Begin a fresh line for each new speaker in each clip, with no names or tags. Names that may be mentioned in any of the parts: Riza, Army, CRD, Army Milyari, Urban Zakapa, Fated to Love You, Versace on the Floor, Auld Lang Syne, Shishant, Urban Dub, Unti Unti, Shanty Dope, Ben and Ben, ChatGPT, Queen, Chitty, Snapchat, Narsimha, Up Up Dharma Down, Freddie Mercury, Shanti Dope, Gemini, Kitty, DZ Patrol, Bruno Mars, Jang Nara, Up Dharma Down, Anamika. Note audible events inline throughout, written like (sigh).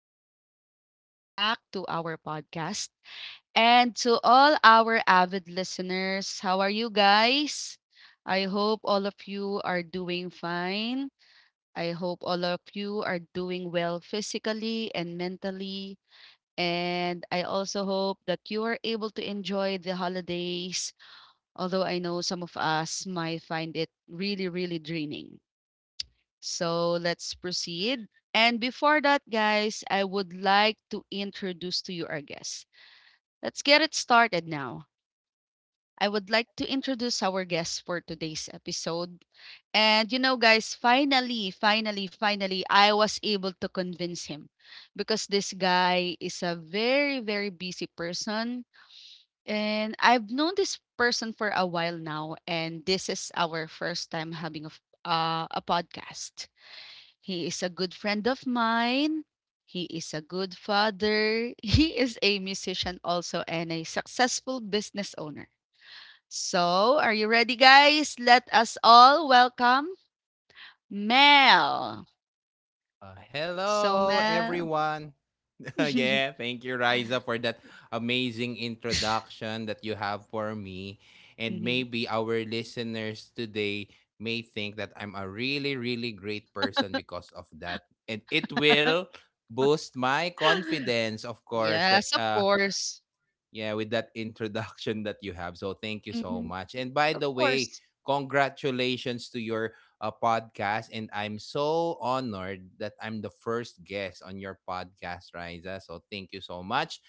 everyone, and welcome back to our podcast. And to all our avid listeners, how are you guys? I hope all of you are doing fine. I hope all of you are doing well physically and mentally. And I also hope that you are able to enjoy the holidays, although I know some of us might find it really, really draining. So let's proceed. And before that, guys, I would like to introduce to you our guest. Let's get it started now. I would like to introduce our guest for today's episode. Guys, finally, I was able to convince him because this guy is a very, very busy person. And I've known this person for a while now. And this is our first time having a podcast. He is a good friend of mine. He is a good father. (laughs) He is a musician also and a successful business owner. So, are you ready, guys? Let us all welcome Mel. So,
Hello,
Mel.
everyone. (laughs) Yeah,
(laughs)
thank you, Riza, for that amazing introduction that you have for me. And
Mhm.
maybe our listeners today may think that I'm a really, really great person because of that. And it will boost my confidence, of course, that
Yes, of course.
yeah, with that (laughs) introduction that you have. So thank you so
Mhm.
much. And by
Of
the way,
course.
congratulations to your podcast. And I'm so honored that I'm the first guest on your podcast, Riza. So thank you so much.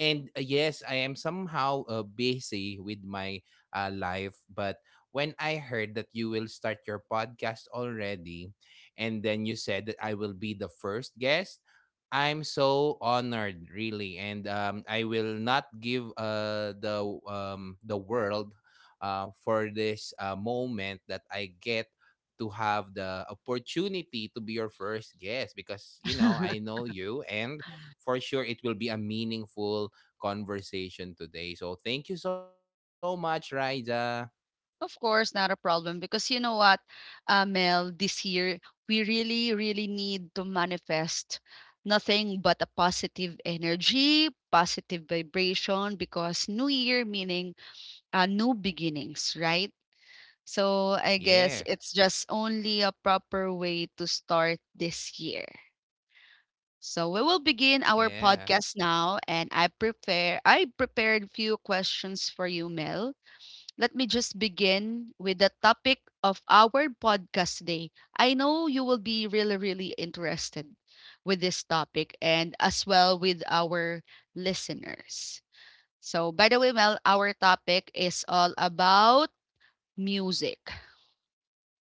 And Yes, I am somehow busy with my life, but when I heard that you will start your podcast already, and then you said that I will be the first guest, I'm so honored, really, and I will not give the world for this moment that I get to have the opportunity to be your first guest because I
(laughs)
know you, and for sure it will be a meaningful conversation today. So thank you so much, Raija.
Of course, not a problem, because you know what, Mel, this year we really, really need to manifest nothing but a positive energy, positive vibration, because new year meaning new beginnings, right? So I
Yeah,
guess it's just only a proper way to start this year. So we will begin our
yeah.
podcast now, and I prepared few questions for you, Mel. Let me just begin with the topic of our podcast today. I know you will be really, really interested with this topic and as well with our listeners. So, by the way, Mel, our topic is all about music.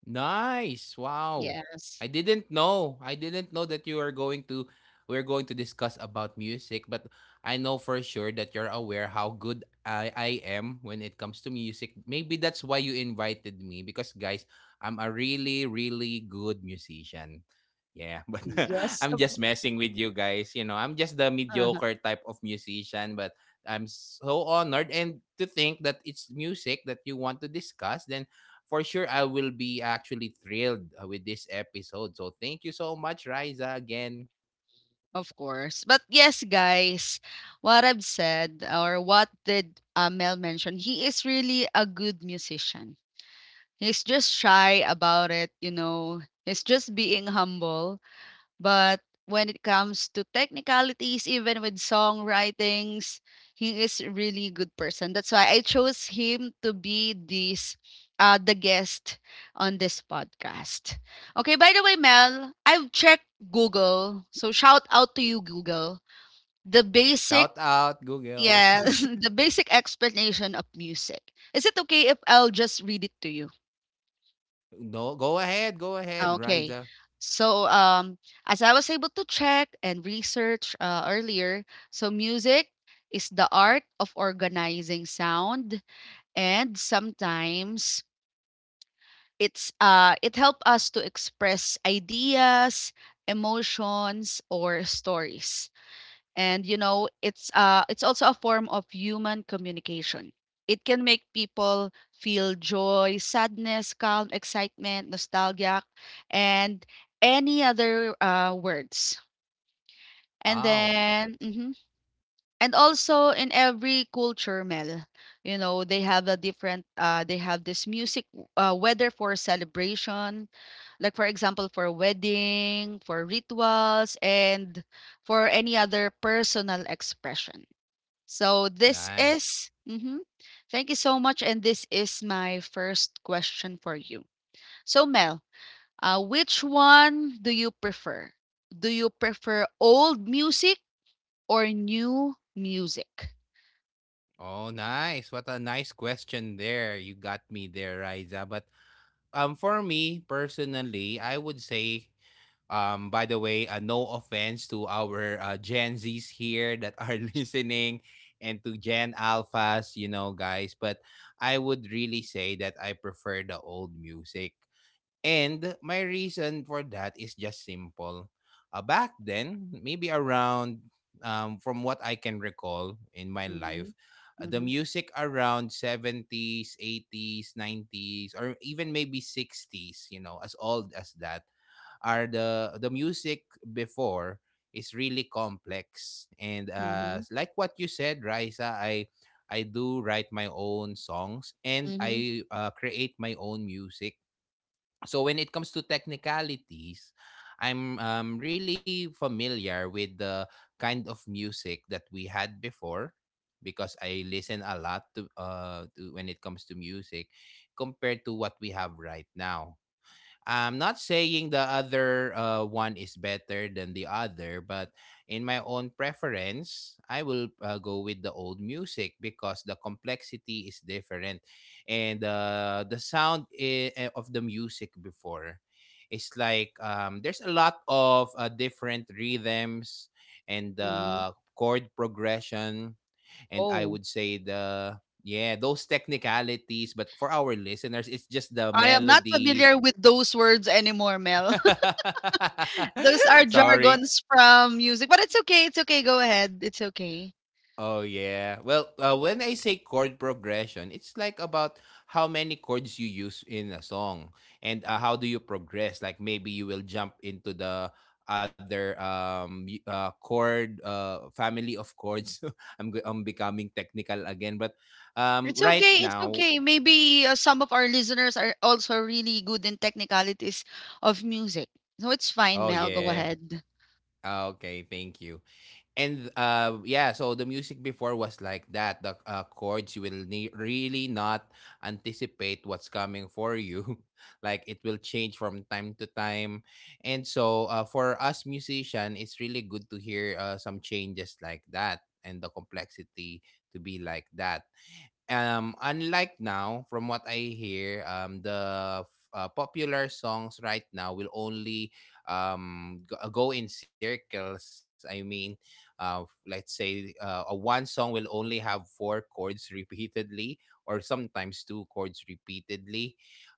Nice. Wow. I
Yes.
didn't know. I didn't know that you are going to We're going to discuss about music, but I know for sure that you're aware how good I am when it comes to music. Maybe that's why you invited me because guys, I'm a really really good musician. Yeah, (laughs) but
Yes,
I'm
of,
just messing with you guys. You know, I'm just the
uh-huh,
mediocre type of musician, but I'm so honored and to think that it's music that you want to discuss. Then for sure I will be actually thrilled with this episode. So thank you so much, Riza. Again,
of course. But yes, guys, what I've said, or what did Mel mention, he is really a good musician. He's just shy about it, you know. He's just being humble. But when it comes to technicalities, even with songwritings, he is really good person. That's why I chose him to be this the guest on this podcast. Okay, by the way, Mel, I've checked Google. So shout out to you, Google. The
shout
basic
out Google.
Yeah, (laughs)
(laughs)
the basic explanation of music. Is it okay if I'll just read it to you?
No, go ahead,
Ah, okay.
Riza.
So, as I was able to check and research earlier, so music is the art of organizing sound, and sometimes it helps us to express ideas, emotions, or stories. And you know, it's also a form of human communication. It can make people feel joy, sadness, calm, excitement, nostalgia, and any other words. And
Wow,
then mhm. And also, in every culture, Mel, you know, they have a different they have this music, whether for celebration, like for example for wedding, for rituals, and for any other personal expression. So this
nice.
is, thank you so much. And this is my first question for you. So, Mel, which one do you prefer? Do you prefer old music or new music?
Oh, nice. What a nice question there. You got me there, Riza. But For me personally, I would say by the way, no offense to our Gen Zs here that are (laughs) listening and to Gen Alphas, you know, guys. But I would really say that I prefer the old music. And my reason for that is just simple. Back then, from what I can recall in my
Mm-hmm.
life, the
Mm-hmm.
music around 70s, 80s, 90s, or even maybe 60s, you know, as old as that are the music before is really complex and
Mm-hmm.
like what you said Raisa I do write my own songs and
Mm-hmm.
I create my own music so when it comes to technicalities I'm really familiar with the kind of music that we had before because I listen a lot to, when it comes to music compared to what we have right now. I'm not saying the other one is better than the other, but in my own preference, I will go with the old music because the complexity is different. And the sound of the music before is like there's a lot of different rhythms and
Mm-hmm.
chord progression. And I
Oh,
would say the yeah those technicalities, but for our listeners it's just the
I am not
melody.
familiar with those words anymore, Mel. (laughs) Those
(laughs)
are
Sorry.
jargons from music, but it's okay. It's okay. Go ahead. It's okay.
Oh yeah. Well, when I say chord progression, it's like about how many chords you use in a song and how do you progress. Like maybe you will jump into the other chord family of chords. (laughs) I'm becoming technical again, but
It's
right
okay, it's
now.
okay. Maybe some of our listeners are also really good in technicalities of music. So it's fine,
Oh
Mel. Go
yeah.
ahead.
Ah, okay, thank you. And Yeah, so the music before was like that. The chords you will really not anticipate what's coming for you. (laughs) Like it will change from time to time. And so for us musician, it's really good to hear some changes like that and the complexity to be like that. Unlike now, from what I hear, popular songs right now will only go in circles. I mean, let's say a one song will only have four chords (laughs) repeatedly, or sometimes two chords repeatedly.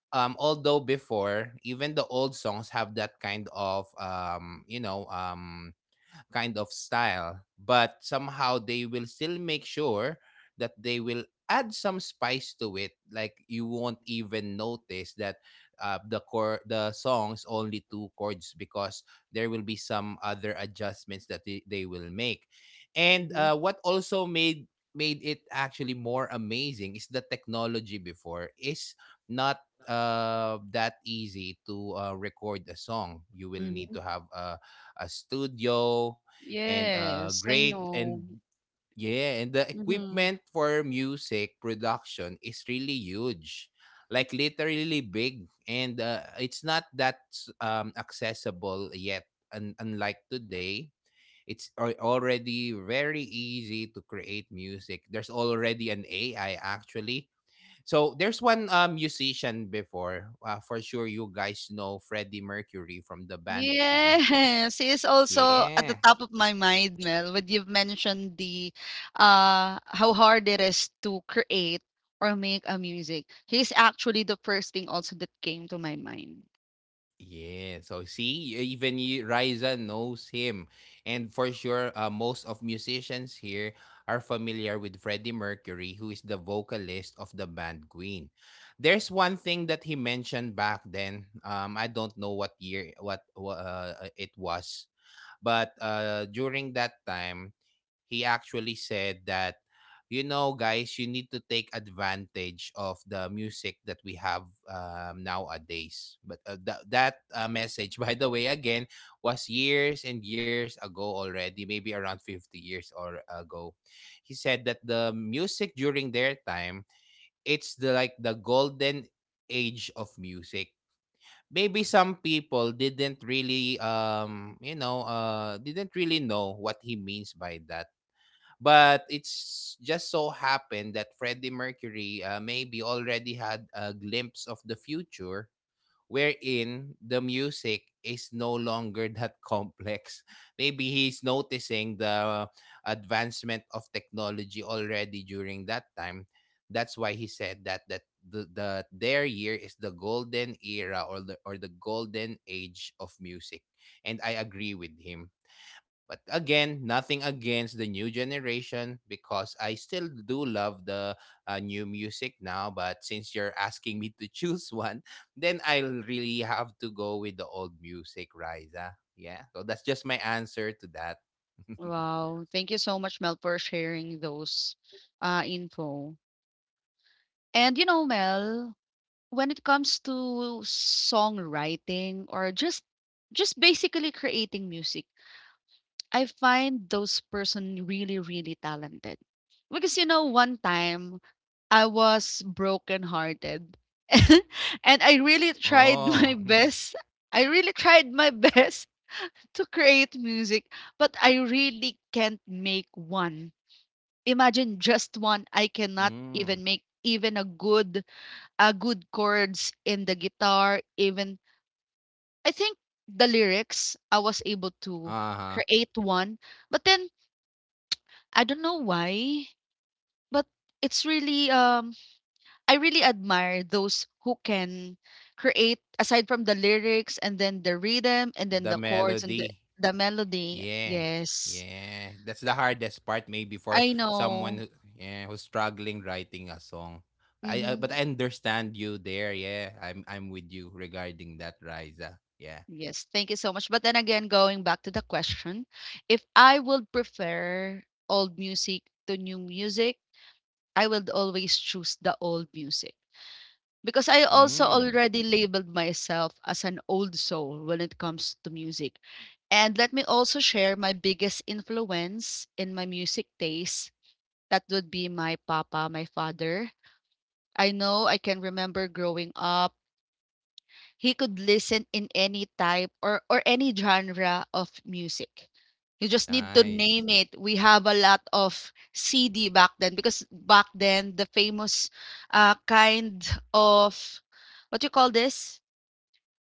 Although before even the old songs have that kind of kind of style, but somehow they will still make sure that they will add some spice to it. Like you won't even notice that the songs only two chords because there will be some other adjustments that they will make. and
hmm
uh, what also made it actually more amazing is the technology before is not that easy to record a song. You will need
hmm
to have a studio and
Yes, I
great and
know.
yeah and the
hmm
equipment for music production is really huge, like literally big, and it's not that accessible yet, and unlike today it's already very easy to create music. There's already an ai actually. So there's one musician before, for sure you guys know freddie mercury from the band queen.
Yes, it's also at the
Yeah.
top of my mind, Mel, when you've mentioned the how hard it is to create or make a music. He's actually the first thing also that came to my mind.
Yeah, so see, even you, Riza knows him. And for sure, most of musicians here are familiar with Freddie Mercury, who is the vocalist of the band Queen. There's one thing that he mentioned back then. I don't know what year, it was. But during that time, he actually said that, you know, guys, you need to take advantage of the music that we have nowadays. But that message, (laughs) by the way, again, was years and years ago already, maybe around 50 years or ago. He said that the music during their time, it's the like the golden age of music. Maybe some people didn't really didn't really know what he means by that, but it's just so happened that freddie mercury maybe already had a glimpse of the future wherein the music is no longer that complex. (laughs) Maybe he's noticing the advancement of technology already during that time. That's why he said that the their year is the golden era or the golden age of music. And I agree with him. But again, nothing against the new generation because I still do love the new music now. But since you're asking me to (laughs) choose one, then I'll really have to go with the old music, Riza. Yeah. So that's just my answer to that. (laughs)
Wow. Thank you so much, Mel, for sharing those info. And you know, Mel, when it comes to songwriting or just basically creating music, I find those person really, really talented. Because you know, one time I was brokenhearted. (laughs) And I really tried (laughs) my
Oh. (laughs)
best. I really tried my (laughs) best to create music, but I really can't make one. Imagine just one, I cannot
Mm.
even make even a good chords in the guitar, even I think the lyrics I was able to
Uh huh.
create one. But then I don't know why, but it's really I really admire those who can create aside from the lyrics, and then the rhythm, and then
The
the chords, and
melody.
the melody.
Yeah.
Yes.
Yeah. That's the hardest part maybe for
I know.
someone who, yeah, who's struggling writing a song. I
Mm-hmm.
But I understand you there. Yeah. I'm with you regarding that, Riza. Yeah.
Yes, thank you so much. But then again, going back to the question, if I would prefer old music to new music, I would always choose the old music, because I also
Mm.
already labeled myself as an old soul when it comes to music. And let me also share my biggest influence in my music taste. That would be my papa, my father. I know I can remember growing up, he could listen in any type or any genre of music. You just need to name
Nice.
it. We have a lot of CD back then, because back then the famous kind of what you call this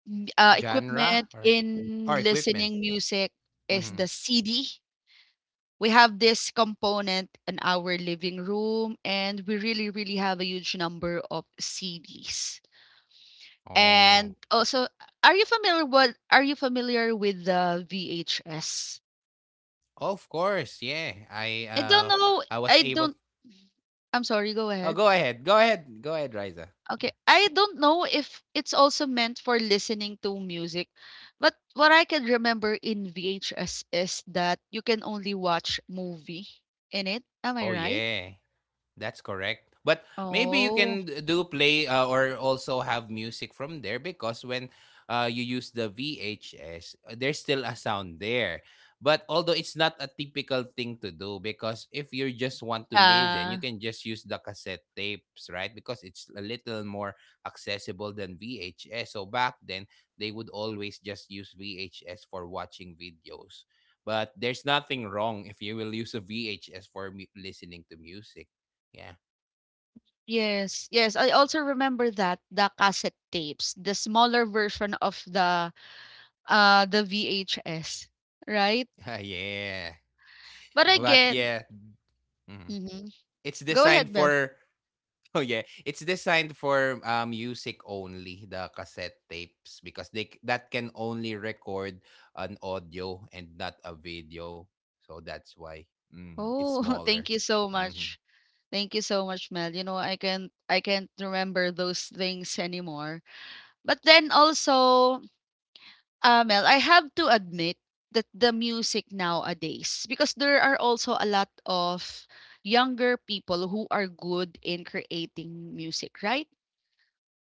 M-
Genre
equipment in
or equipment.
listening music is
Mhm.
the CD. We have this component in our living room, and we really, really have a huge number of CDs. And
Oh.
also, are you familiar what are you familiar with the VHS?
Of course. Yeah.
I don't know.
I was
I
able—
don't I'm sorry, go
Oh, go
ahead.
ahead. Go ahead. Go ahead, Riza.
Okay.
Yeah.
I don't know if it's also meant for listening to music, but what I can remember in VHS is that you can only watch movie in it. Am I
Oh,
right?
yeah. That's correct. But maybe you
Oh,
can do play or also have music from there because when you use the VHS, there's still a sound there. But although it's not a typical thing to do, because if you just want to listen, you
yeah.
can just use the cassette tapes, right? Because it's a little more accessible than VHS. So back then, they would always just use VHS for watching videos. But there's nothing wrong if you will use a VHS for listening to music. Yeah.
Yes, yes. I also remember that the cassette tapes, the smaller version of the VHS, right?
(laughs) Yeah.
But
But yeah,
again
mhm.
mhm.
it's
Go
designed
ahead, Mel.
for (laughs) Oh yeah, it's designed for music only, the cassette tapes, because that can only record an audio and not a video. So that's why it's
Oh, (laughs)
smaller.
thank you so
Mhm.
much. Thank you so much, Mel. You know, I can't remember those things anymore. But then also, Mel, I have to admit that the music nowadays, because there are also a lot of younger people who are good in creating music, right?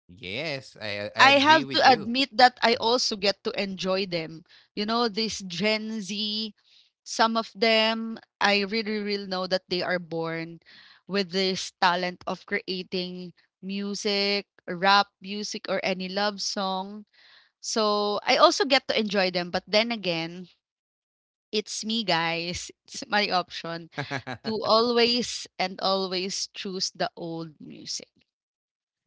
Yes, I
I
agree
have to
with you.
admit that I also get to enjoy them. You know, this Gen Z, some of them, I really, really know that they are born with this talent of creating music, rap music, or any love song. So I also get to enjoy them. But then again, it's me, guys. (laughs) It's my option to
(laughs)
always and always choose the old music.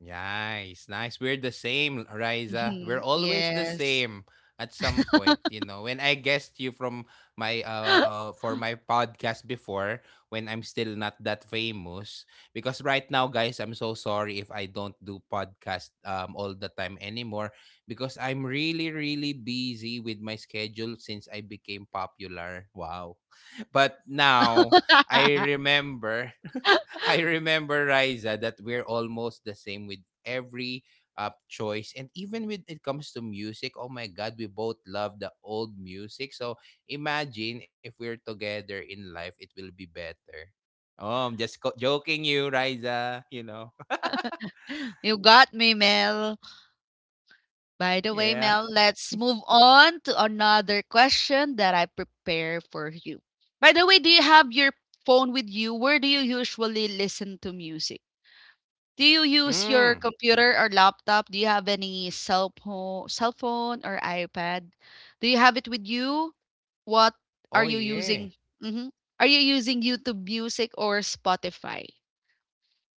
Nice, nice. We're the same, Riza. We're
Mhm.
always the
Yes.
same. At some point, you know, when I guessed you from my for my podcast before, when I'm still not that famous, because right now, guys, I'm so sorry if I don't do podcast all the time anymore because I'm really really busy with my schedule since I became popular. Wow. But now I
(laughs)
remember (laughs) I remember Riza that we're almost the same with every choice and even when it comes to music, oh my god, we both love the old music. So imagine if we're together in life, it will be better. Oh, I'm just joking you Riza, you know.
You got me, Mel. By
(laughs)
the way,
Yeah.
Mel, let's move on to another question that I prepare for you. By the way, do you have your phone with you? Where do you usually listen to music? Do you use your
Mm.
computer or laptop? Do you have any cell phone or iPad? Do you have it with you? What are
Oh
you
yeah.
using? Mhm. Are you using YouTube Music or Spotify?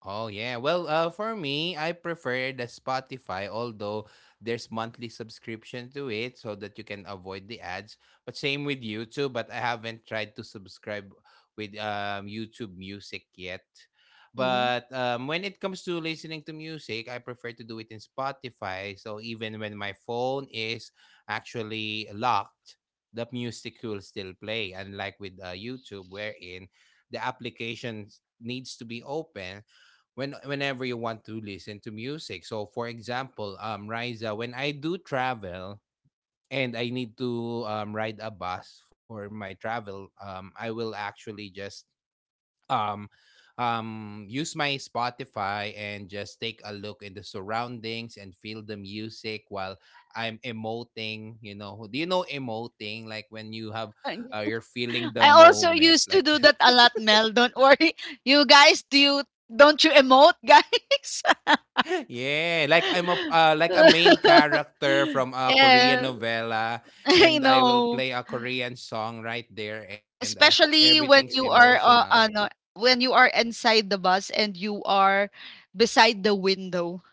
Oh yeah. Well, for me, I prefer the Spotify, although there's monthly subscription to it so that you can avoid the ads. But same with YouTube, but I haven't tried to subscribe with YouTube Music yet.
Mm-hmm.
But when it comes to listening to music, I prefer to do it in Spotify. So even when my phone is actually locked, the music will still play. Unlike with YouTube, wherein the application needs to be open whenever you want to listen to music. So for example, Riza, when I do travel and I need to ride a bus for my travel, I will actually just um use my Spotify and just take a look in the surroundings and feel the music while I'm emoting. Do you know emoting, like when you have
(laughs)
you're
Yes.
feeling the
I also
moment,
used
like
to do that
(laughs)
a lot, Mel. Don't worry. You guys, do you don't you emote, guys?
(laughs) Yeah, like I'm a like a main
(laughs)
character from a Korean
Yeah,
novella,
(laughs) I
and I will
know.
play a Korean song right there, and
Especially
everything's
when you are
emotional.
when you are inside the bus and you are beside the window.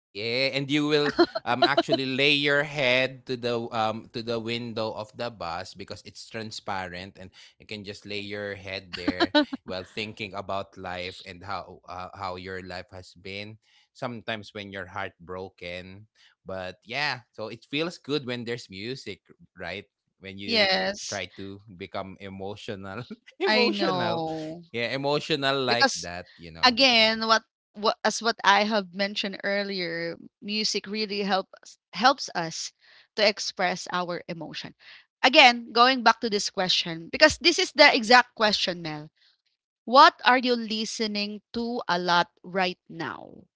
Yeah, and you will actually lay your head to the window of the bus because it's transparent and you can just lay your head there while thinking about life and how your life has been. Sometimes when you're heartbroken, but yeah, so it feels good when there's music, right? When you
Yes,
try to become emotional, (laughs)
I
emotional,
know.
yeah, emotional like
Because
that, you know.
again, what as what I have mentioned earlier, music really helps us to express our emotion. Again, going back to this question, because this is the exact question, Mel. What are you listening to a lot right now?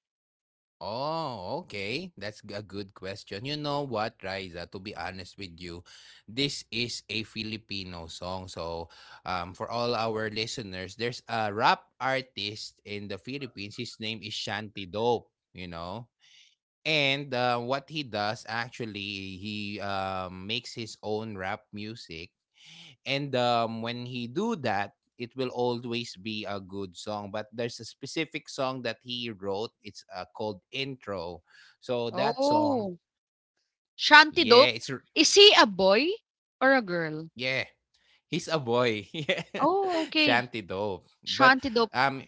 Oh, okay. That's a good question. You know what, Riza, to be honest with you, this is a Filipino song. So, for all our listeners, there's a rap artist in the Philippines. His name is Shanty Dope, you know? And what he does actually, he makes his own rap music, and when he do that, it will always be a good song, but there's a specific song that he wrote, it's called Intro. So that song,
Oh,
ah,
Shanti
yeah,
Dope.
it's r-
Is he a boy or a girl?
yeah, he's a boy. (laughs) Yeah,
Oh, okay.
shanty dope, but
Shanti Dope.
um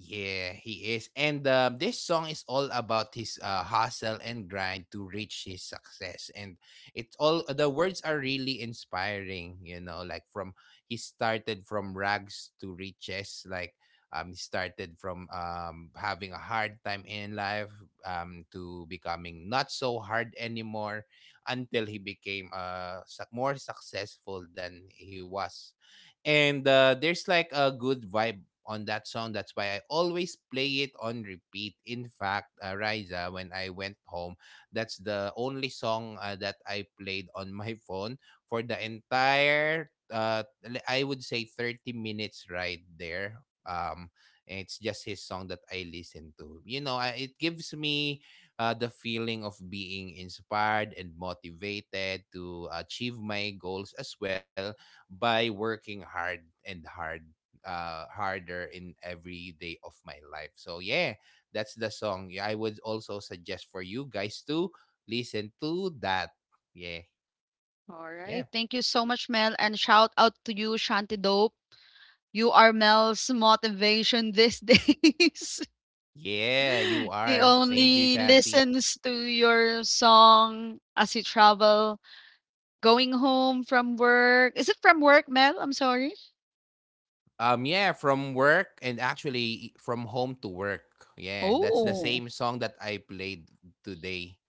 yeah, he is. And this song is all about his hustle and grind to reach his success. And it's all the words are really inspiring, you know, like from he started from rags to riches, like he started from having a hard time in life, to becoming not so hard anymore, until he became suc more successful than he was. And there's like a good vibe on that song. That's why I always play it on repeat. In fact, Riza, when I went home, that's the only song that I played on (laughs) my phone for the entire, I would say 30 minutes right there. Um, and it's just his song that I listen to. You know, it gives me the feeling of being inspired and motivated to achieve my goals as well by working hard and hard, harder in every day of my life. So yeah, that's the song. Yeah, I would also suggest for you guys to listen to that. Yeah,
All right.
yeah,
Thank you so much, Mel. And shout out to you, Shanti Dope. You are Mel's motivation these (laughs) days.
yeah. You
He
are. Thank
only
you, Shanti.
listens to your song as he travel going home from work. Is it from work, Mel? I'm sorry.
Yeah, from work and actually from home to work. Yeah, that's the
Oh,
same song that I played today.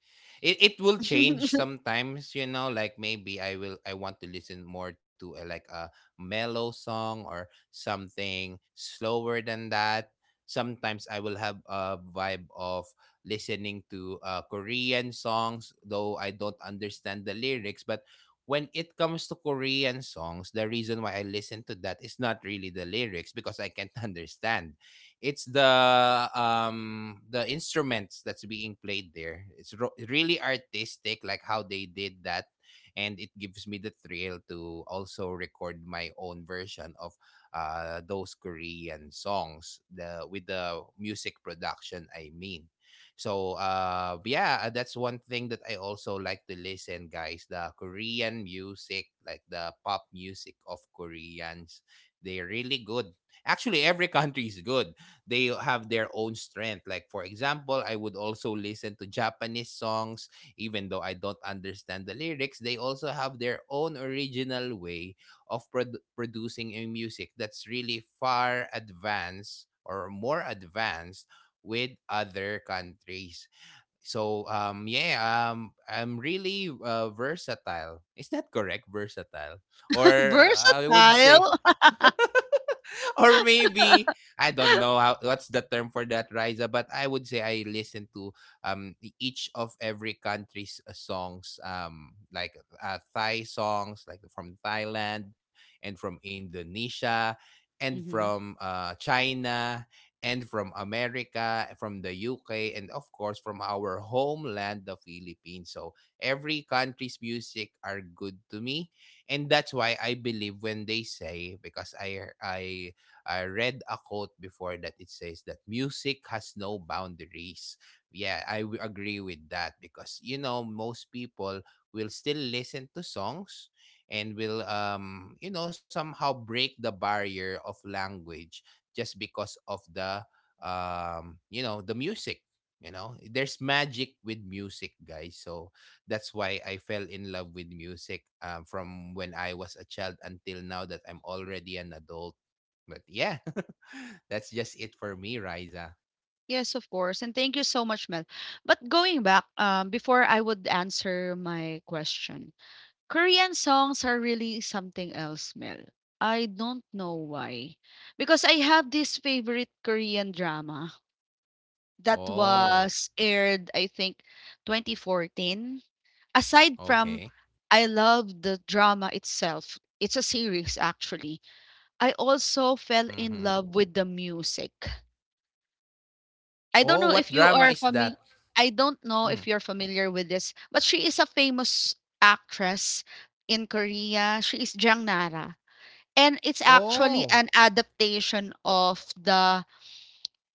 It will change
(laughs)
sometimes, you know, like maybe I want to listen more to a, like a mellow song or something slower than that. Sometimes I will have a vibe of listening to Korean songs, though I don't understand the lyrics. But when it comes to Korean songs, the reason why I listen to that is not really the lyrics, because I can't (laughs) understand. It's the instruments that's being played there. It's really artistic, like how they did that, and it gives me the thrill to also record my own version of those Korean songs. The, with the music production, I mean. So that's one thing that I also like to listen, guys. The Korean music, like the pop music of Koreans, they're really good. Actually, every (laughs) country is good. They have their own strength. Like for example, I would also listen to Japanese songs, even though I don't understand the lyrics. They also have their own original way of producing a music that's really far advanced or more advanced with other countries. So I'm really versatile. Is that correct? Versatile. Or I would say
versatile. (laughs)
(laughs) or maybe I don't know how what's the term for that, Riza, but I would say I listen to each of every country's songs, like Thai songs, like from Thailand and from Indonesia and
Mhm.
from China and from America, from the UK, and of course from our homeland, the Philippines. So every country's music are good to me. And that's why I believe when they say, because I read a quote before that it says that music has no boundaries. Yeah, I agree with that, because you know, most people will still listen to songs and will you know, somehow break the barrier of language just because of the you know, the music. You know, there's magic with music, guys. So that's why I fell in love with music, from when I was a child until now that I'm already an adult. But yeah, (laughs) that's just it for me, Riza.
Yes, of course. And thank you so much, Mel. But going back, before I would answer my question, Korean songs are really something else, Mel. I don't know why. Because I have this favorite Korean drama that
Oh,
was aired, I think, 2014. Aside from
okay.
I love the drama itself, it's a series actually. I also fell in
Mm-hmm.
love with the music. I don't
Oh,
know
what
if you
drama
are
is
familiar.
that?
I don't know if
Mm.
you're familiar with this, but she is a famous actress in Korea. She is Jang Nara. And it's actually
Oh,
an adaptation of the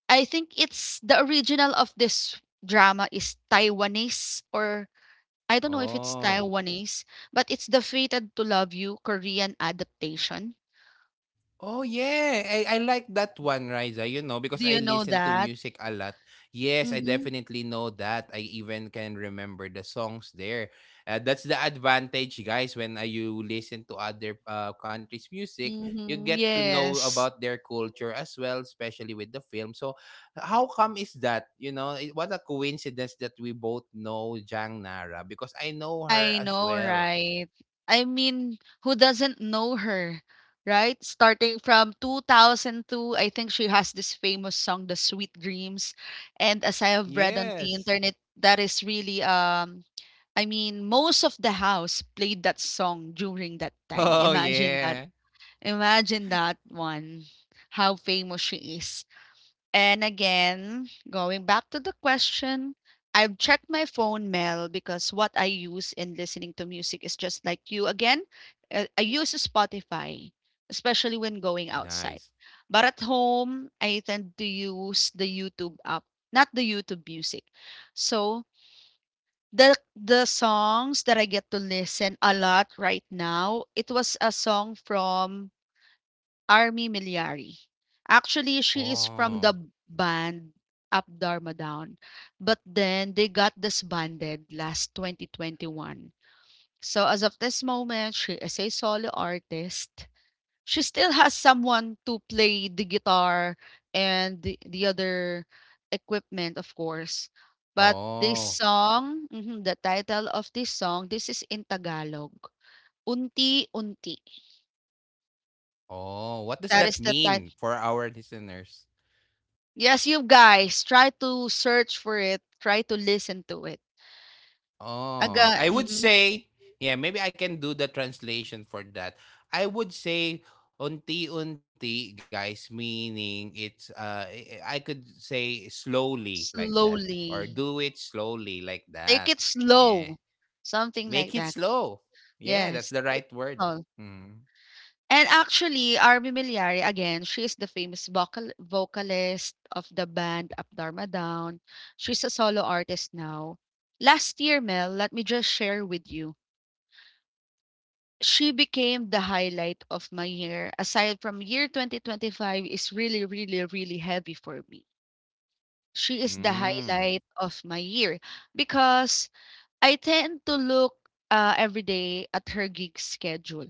I think it's the original of this drama is Taiwanese, or I don't know if it's
oh.
Taiwanese, but it's the Fated to Love You Korean adaptation.
Oh yeah, I like that one, Riza, you know,
Do
because I
you know
listen to
that?
music a lot. Yes, I
Mhm,
definitely know that. I even can remember the songs there. That's the advantage, guys, when you listen to other countries' music, you
mhm,
get to know
yes.
about their culture as well, especially with the film. So, how come is that? You know, it, what a coincidence that we both know Jang Nara, because I know her
I
as
know,
well.
right? I mean, who doesn't know her, right? Starting from 2002, I think she has this famous song, The Sweet Dreams. And as I have read on the
Yes. (laughs)
internet, that is really, I mean, most of the house played that song during that time.
Oh
Imagine that.
yeah.
Imagine that one, how famous she is. And again, going back to the question, I've checked my phone mail, because what I use in listening to music is just like you. Again, I use Spotify, especially when going
Nice.
outside. But at home, I tend to use the YouTube app, not the YouTube music. So the songs that I get to listen a lot right now, it was a song from Army Milyari. Actually, she is from the
Oh.
band Up Dharma Down. But then they got disbanded last 2021. So as of this moment, she is a solo artist. She still has someone to play the guitar and the other equipment, of course. But this
Oh.
song, the title of this song, this is in Tagalog. Unti Unti.
Oh. What does
That
that
is the title.
mean for our listeners?
Yes, you guys, try to search for it, try to listen to it. Aga
Oh. I would say, yeah, maybe I can do the translation for that. I would say unti-unti, guys, meaning it's I could say slowly like that, or do
slowly.
it slowly like that.
Take it
Yeah.
slow, something
Make it
like that.
slow. Yeah, that's
Yes,
the
take it
right word.
slow.
Mm.
And actually, Army Miliari again, she is the famous vocalist of the band Up Dharma Down. She's a solo artist now. Last year, Mel, let me just share with you. She became the highlight of my year. Aside from year 2025 is really, really, really heavy for me. She is the
Mm.
highlight of my year because I tend to look, every day at her gig schedule.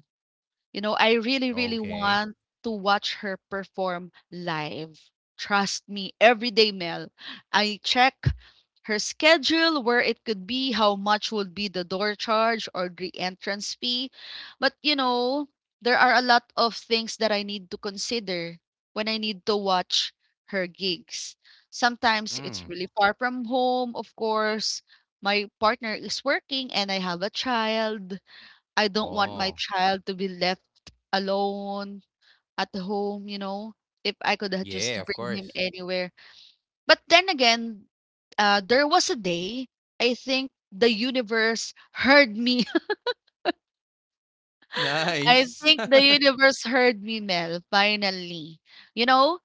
You know, I really, really
Okay.
want to watch her perform live. Trust me, every day, Mel. I check her schedule, where it could be, how much would be the door charge or the entrance fee. But, you know, there are a lot of things that I need to consider when I need to watch her gigs. Sometimes it's
Mm.
really far from home, of course. My partner is working and I have a child. I don't want my
Oh.
child to be left alone at home, you know, if I could have just
Yeah, of
bring him
course.
anywhere. But then again, there was a day I think the universe heard me. (laughs) I
Nice.
think the
(laughs)
universe heard me, Mel, finally. You know,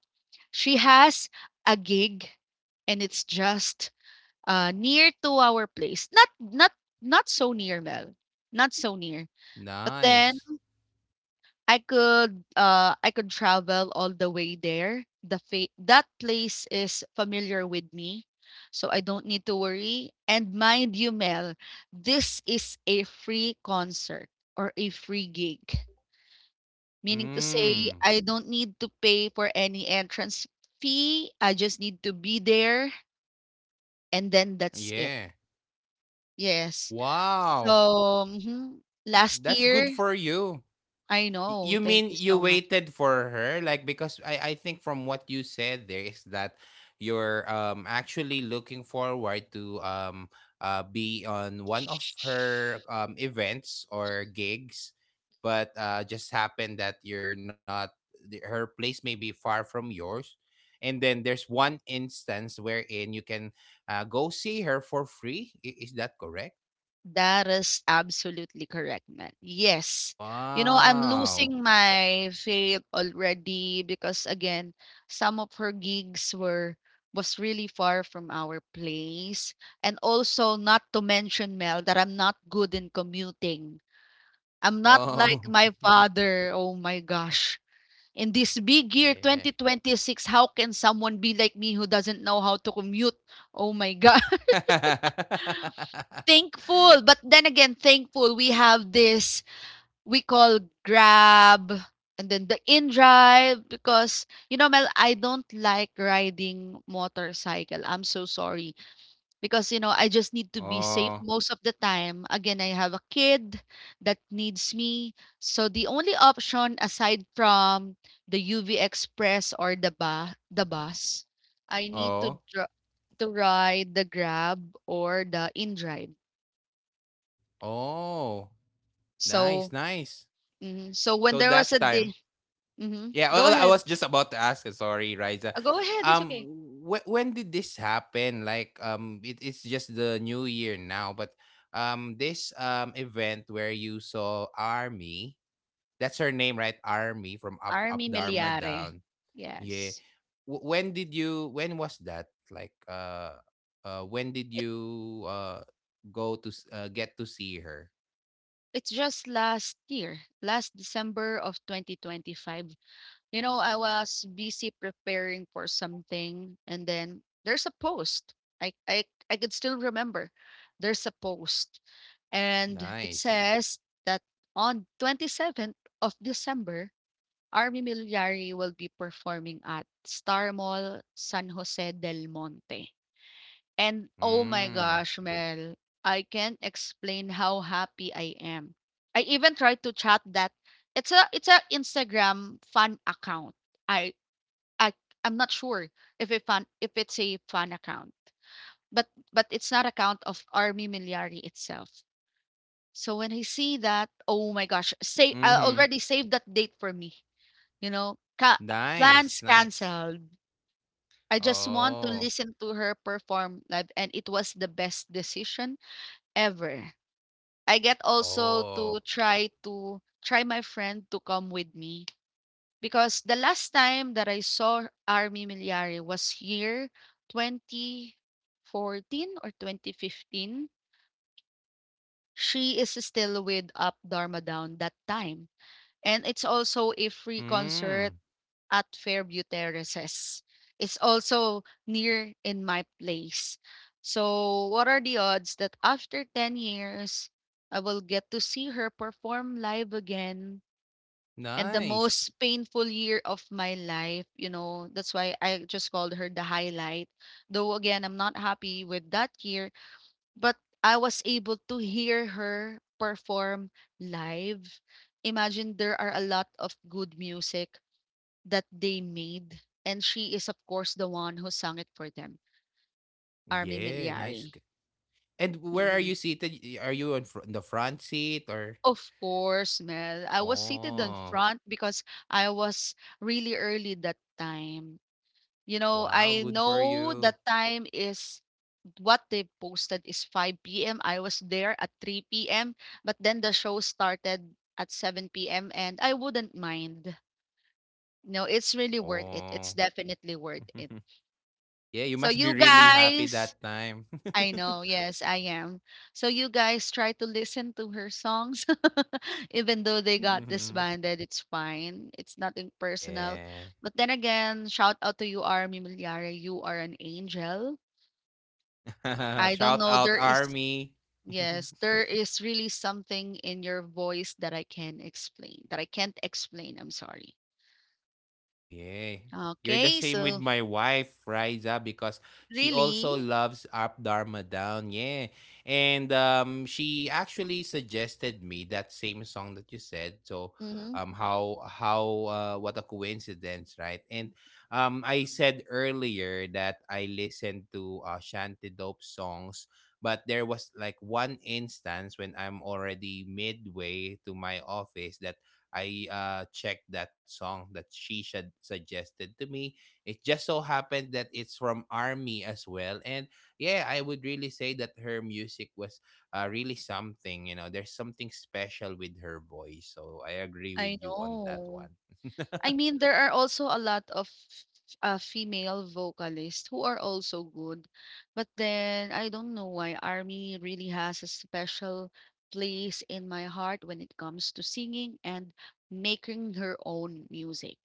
she has a gig and it's just near to our place. Not not so near, Mel. Not so near. But then
nice.
I could travel all the way there. That place is familiar with me. So I don't need to worry. And mind you, Mel, this is a free concert or a free gig. Meaning to say
Mm.
I don't need to pay for any entrance fee. I just need to be there and then that's it.
Yeah.
Yes. So
Wow.
mhm. last
That's good
year,
for you.
I know.
You
Thank
mean
you
you
so
waited for her? Like because I think from what you said there is that you're actually looking forward to be on one of
much.
her events or gigs, but just happened that you're not the- her place may be far from yours. And then there's one instance wherein you can go see her for free. Is that correct?
That is absolutely correct, man. Yes. You know, I'm
Wow.
losing my faith already because again, some of her gigs were was really far from our place. And also not to mention, Mel, that I'm not good in commuting. I'm not like
Oh.
my
(laughs)
father. Oh my gosh. In this big year
yeah.
2026, how can someone be like me who doesn't know how to commute? Oh my god. (laughs)
(laughs)
Thankful, but then again, thankful we have this we call Grab and then the InDrive, because you know, Mel, I don't like riding motorcycle. I'm so sorry because you know I just need to be safe
oh,
most of the time. Again, I have a kid that needs me. So the only option aside from the UV Express or the bus, I need
oh,
to dr- to ride the Grab or the InDrive.
oh.
So
Nice, nice.
mhm. so when
So
there was
that
a
time,
day, Mhm.
yeah.
Go
Well, I
ahead.
was just about to ask. Sorry, Riza.
Go ahead, it's
Um,
okay.
when did this happen? Like, it's just the new year now, but this event where you saw Army. That's her name, right? Army from Up
Army
Dharma
Meliare.
Down. Yeah.
Yes.
When did you, when was that? Like when did
It,
you get to see her?
it's just last year, last December of 2025. You know, I was busy preparing for something and then there's a post. I I I could still remember. There's a post and it
Nice.
says that on 27th of December, Army Meliare will be performing at Star Mall San Jose del Monte. And oh my
Mm.
gosh, Mel, I can't explain how happy I am. I even tried to chat that it's a Instagram fan account. I I I'm not sure if it's a fan account. But it's not account of Army Miliari itself. So when I see that, oh my gosh, say I
Mhm.
already saved that date for me. You know,
Nice,
plans
nice.
canceled. I just want to
Oh.
listen to her perform live and it was the best decision ever. I get also
Oh.
to try my friend to come with me because the last time that I saw Army Miliari was here, 2014 or 2015. She is still with Up Dharma Down that time. And it's also a free
Mm.
concert at Fairview Terraces. It's also near in my place. So, what are the odds that after 10 years, I will get to see her perform live again? And the
Nice.
most painful year of my life, you know, that's why I just called her the highlight. Though, again, I'm not happy with that year, but I was able to hear her perform live. Imagine there are a lot of good music that they made, and she is, of course, the one who sang it for them, Army
Yeah, nice.
miliari,
g- And where are
Mhm.
you seated? Are you on the front seat, or
Of course, Mel. I was seated in
Oh.
front because I was really early that time. You know,
Wow,
I
good for
know
you.
that time is what they posted is 5 p.m. I was there at 3 p.m., but then the show started at 7 p.m. and I wouldn't mind. No, it's really worth it.
Oh.
It's definitely worth
(laughs)
it.
Yeah, you
So
must be
you
really happy
guys,
that time.
I know.
(laughs)
Yes, I am. So you guys try to listen to her songs, (laughs) even though they got
Mhm.
disbanded. It's fine. It's nothing personal.
yeah.
But then again, shout out to you, Army Milyare. You are an angel.
(laughs)
I don't
Shout
know.
out
There is
Army. (laughs)
yes, there is really something in your voice That I can't explain. I'm sorry.
Oh yeah. You're the
Okay,
same with
so
my wife, Riza, because she also
really,
loves Up Dharma Down. Yeah. And she actually suggested me that same song that you said. So
hmm.
how what a coincidence, right? And I said earlier that I listened to Shanty Dope songs, but there was like one instance when I'm already midway to my office, that I checked that song that she should suggested to me. It just so happened that it's from Army as well, and yeah, I would really say that her music was really something. You know, there's something special with her voice. So I agree
I
with you on that
know.
one. (laughs)
I mean, there are also a lot of female vocalists who are also good. But then I don't know why Army really has a special place in my heart when it comes to singing and making her own music.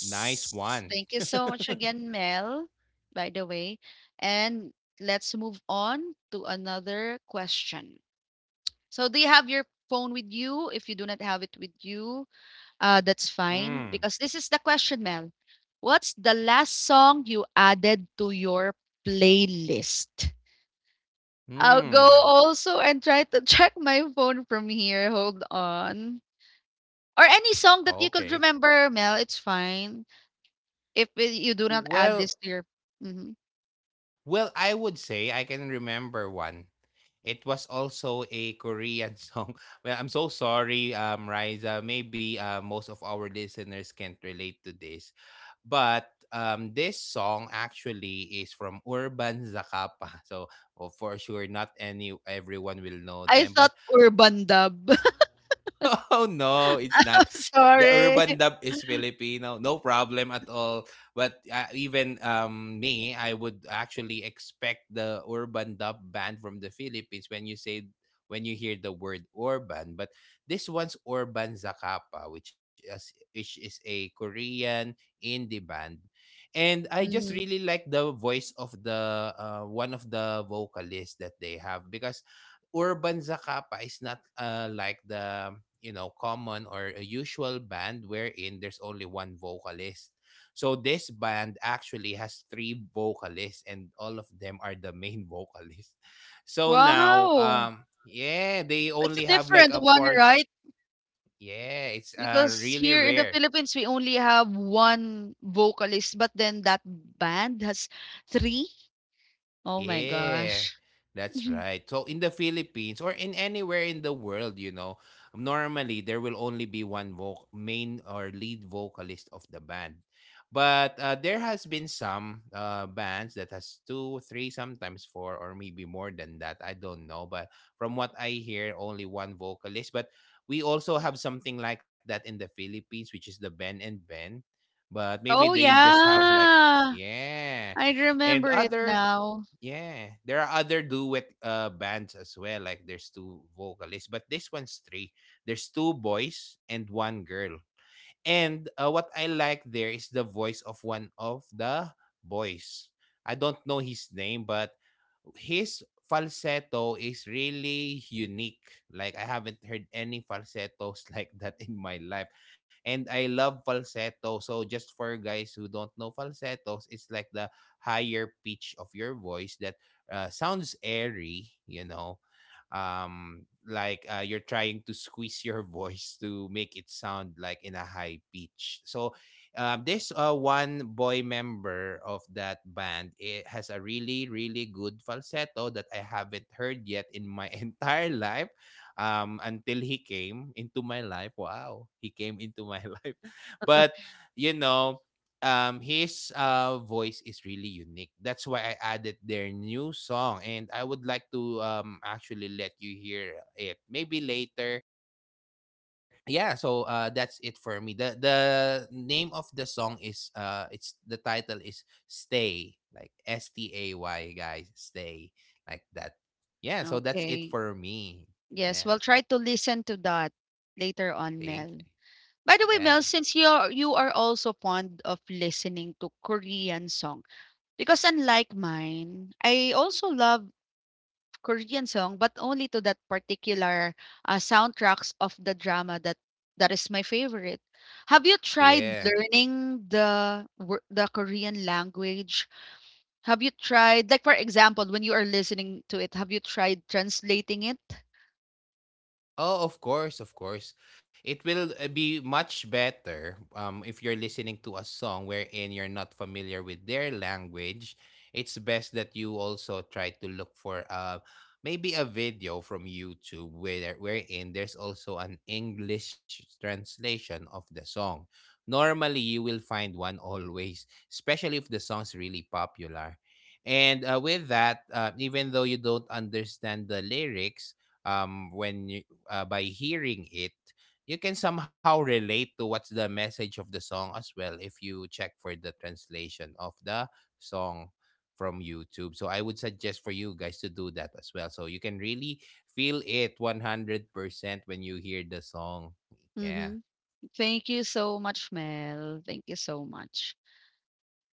nice one.
Thank
(laughs)
you so much again, Mel, by the way. And let's move on to another question. So, do you have your phone with you? If you do not have it with you, that's fine
Hmm.
because this is the question, Mel. What's the last song you added to your playlist? I'll go
Hmm.
also and try to (laughs) check my phone from here. Hold on. Or any song that you could
Okay.
remember, Mel, it's fine. If it- you do not add
Well,
this to your. Mhm.
Well, I would say I can remember one. It was also a Korean (laughs) song. Well, I'm so sorry, Riza. Maybe most of our listeners can't relate to this. But this song actually is from Urban Zakapa. (laughs) So oh, for sure, not any everyone will know
I
them.
thought
But
Urban Dub.
(laughs) Oh no, it's not.
(laughs)
The
Sorry.
urban dub is Filipino. No problem at all. But even me, I would actually expect the urban dub band from the Philippines when you say, when you hear the word urban, but this one's Urban Zakapa, which is a Korean indie band. And I just
Mhm.
really like the voice of the one of the vocalists that they have, because urban Zacapa is not like the, you know, common or a usual band wherein there's only one vocalist. So this band actually has three vocalists and all of them are the main (laughs) vocalist. So now
Wow.
yeah, they
It's a
only have like
different
a
one,
Porsche.
right?
Yeah, it's
Because
really
here in the
rare.
Philippines, we only have 1 vocalist, but then that band has 3? Oh my
Yeah,
gosh.
that's
(laughs)
right. So in the Philippines or in anywhere in the world, you know, normally there will only be one main or lead vocalist of the band. But there has been some bands that has two, three, sometimes four, or maybe more than that. I don't know. But from what I hear, only one vocalist. But we also have something like that in the Philippines, which is the Ben and Ben. But maybe
Oh,
they just have like,
yeah.
yeah,
I
and
remember it
other
now.
Yeah, there are other duet bands as well. Like there's two vocalists, but this one's three. There's two boys and one girl. And what I like there is the voice of one of the boys. I don't know his name, but his falsetto is really unique. Like I haven't heard any falsettos (laughs) like that in my life. And I love falsetto. So just for guys who don't know falsettos, it's like the higher pitch of your voice that sounds airy, you know. You're trying to squeeze your (laughs) voice to make it sound like in a high pitch. So this one boy member of that band it has a really good falsetto that I haven't heard yet in my (laughs) entire life. Until he came into my life. Wow, he came into my (laughs) life. But you know, his voice is really unique. That's why I added their new song, and I would like to actually let you hear it maybe later. Yeah, so that's it for me. The name of the song is it's the title is stay, like S-T-A-Y, guys. Stay, like that. Yeah, so that's it
Okay.
for me.
Yes,
Yeah,
we'll try to listen to that later on,
thank
Mel. By the
you.
way,
Yeah.
Mel, since you are also fond of listening to Korean song, because unlike mine, I also love Korean song, but only to that particular, soundtracks of the drama that is my favorite. Have you
Oh,
tried
yeah.
learning the Korean language? Have you tried like, for example, when you are listening to it, have you tried translating it?
Oh, of course, of course. It will be much better if you're listening to a song wherein you're not familiar with their language. It's best that you also try to look for maybe a video from YouTube wherein there's also an English translation of the song. Normally, you will find one always, especially if the song's really popular. And with that, even though you don't understand the lyrics, um when you, by hearing it, you can somehow relate to what's the message of the song as well if you check for the translation of the song from YouTube. So I would suggest for you guys to do that as well. So you can really feel it 100% when you hear the song. Yeah.
Mhm. Thank you so much, Mel. Thank you so much.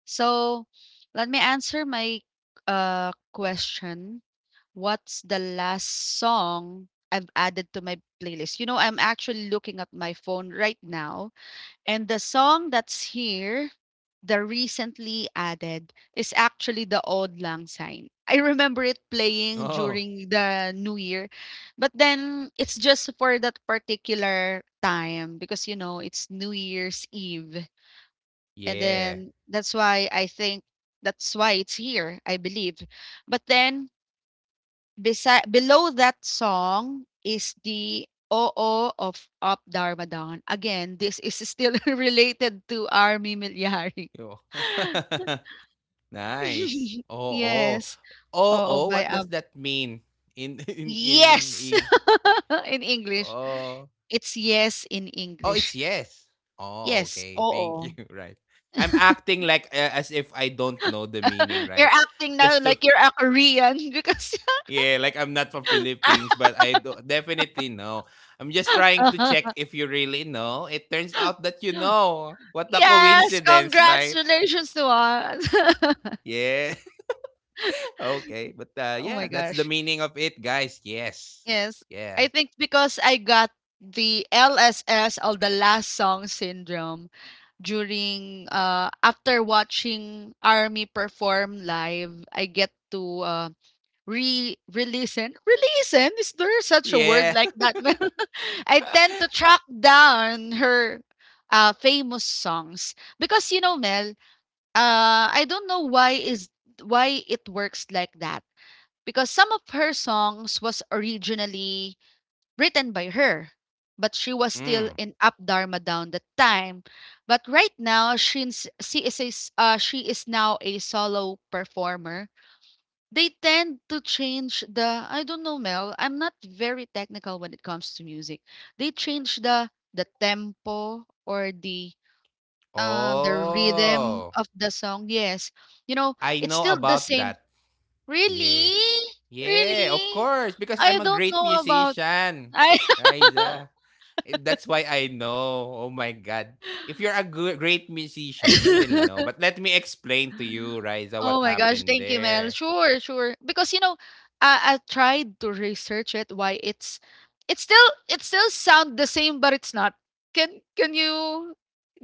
So, let me answer my question. What's the last song I've added to my playlist? You know, I'm actually looking at my phone right now, and the song that's here, the recently added, is actually the Old Lang Syne. I remember it
(laughs)
playing
Oh.
during the New Year, but then it's just for that particular time because, you know, it's New Year's Eve. And
Yeah.
then that's why I think that's why it's here, I believe. But then beside below that song is the OO of Up Darmadon. Again, this is still (laughs) related to Army Milyari.
Yo. (laughs) Nice.
(laughs)
Oh, oh.
yes.
Oh,
Oo
oh,
by
what does
Ab.
that mean in (laughs)
Yes.
in?
(laughs) in English.
Oh.
It's yes in
Oh, it's
English.
yes. Oh,
Yes.
okay. Thank you.
Oo.
(laughs) Right. I'm acting like as if I don't know the meaning,
(laughs) you're
right?
acting now
Just to
like you're a Korean because
(laughs) yeah, like I'm not from Philippines,
(laughs)
but I do, definitely know. I'm just trying to check
(laughs)
if you really know. It turns out that you know. What a
Yes,
coincidence, right? (laughs)
congratulations to us. (laughs)
Yeah. (laughs) Okay. But
Oh my
yeah, that's the
gosh.
meaning of it, guys. Yes.
Yes.
Yeah.
I think because I got the LSS or the last song syndrome during after watching Army perform live, I get to re re-listen. Re-listen? Is there such a word
Yeah.
like that? (laughs) I tend to track down her famous songs because you know Mel, I don't know why it works like that because some of her songs was originally written by her, but she was still
(laughs) Mm.
in Up Dharma Down that time. But right now, she is now a solo performer. They tend to change the I don't know, Mel. I'm not very technical when it comes to music. They change the tempo or the rhythm
Oh.
of the song, yes. You know,
I
it's
know
still the
about
same.
that.
Really?
Yeah. Yeah, of
Really?
course. Because
I
I'm a
don't
great
know about
musician.
I (laughs)
Riza. If- that's why I know. Oh my God. If you're a goo- great musician, you will know. But let me explain to you, Riza,
Oh
what
my gosh,
happened
thank you, Mel.
there.
Sure, sure. Because you know, I tried to research it why it's still it still sound the same, but it's not. Can you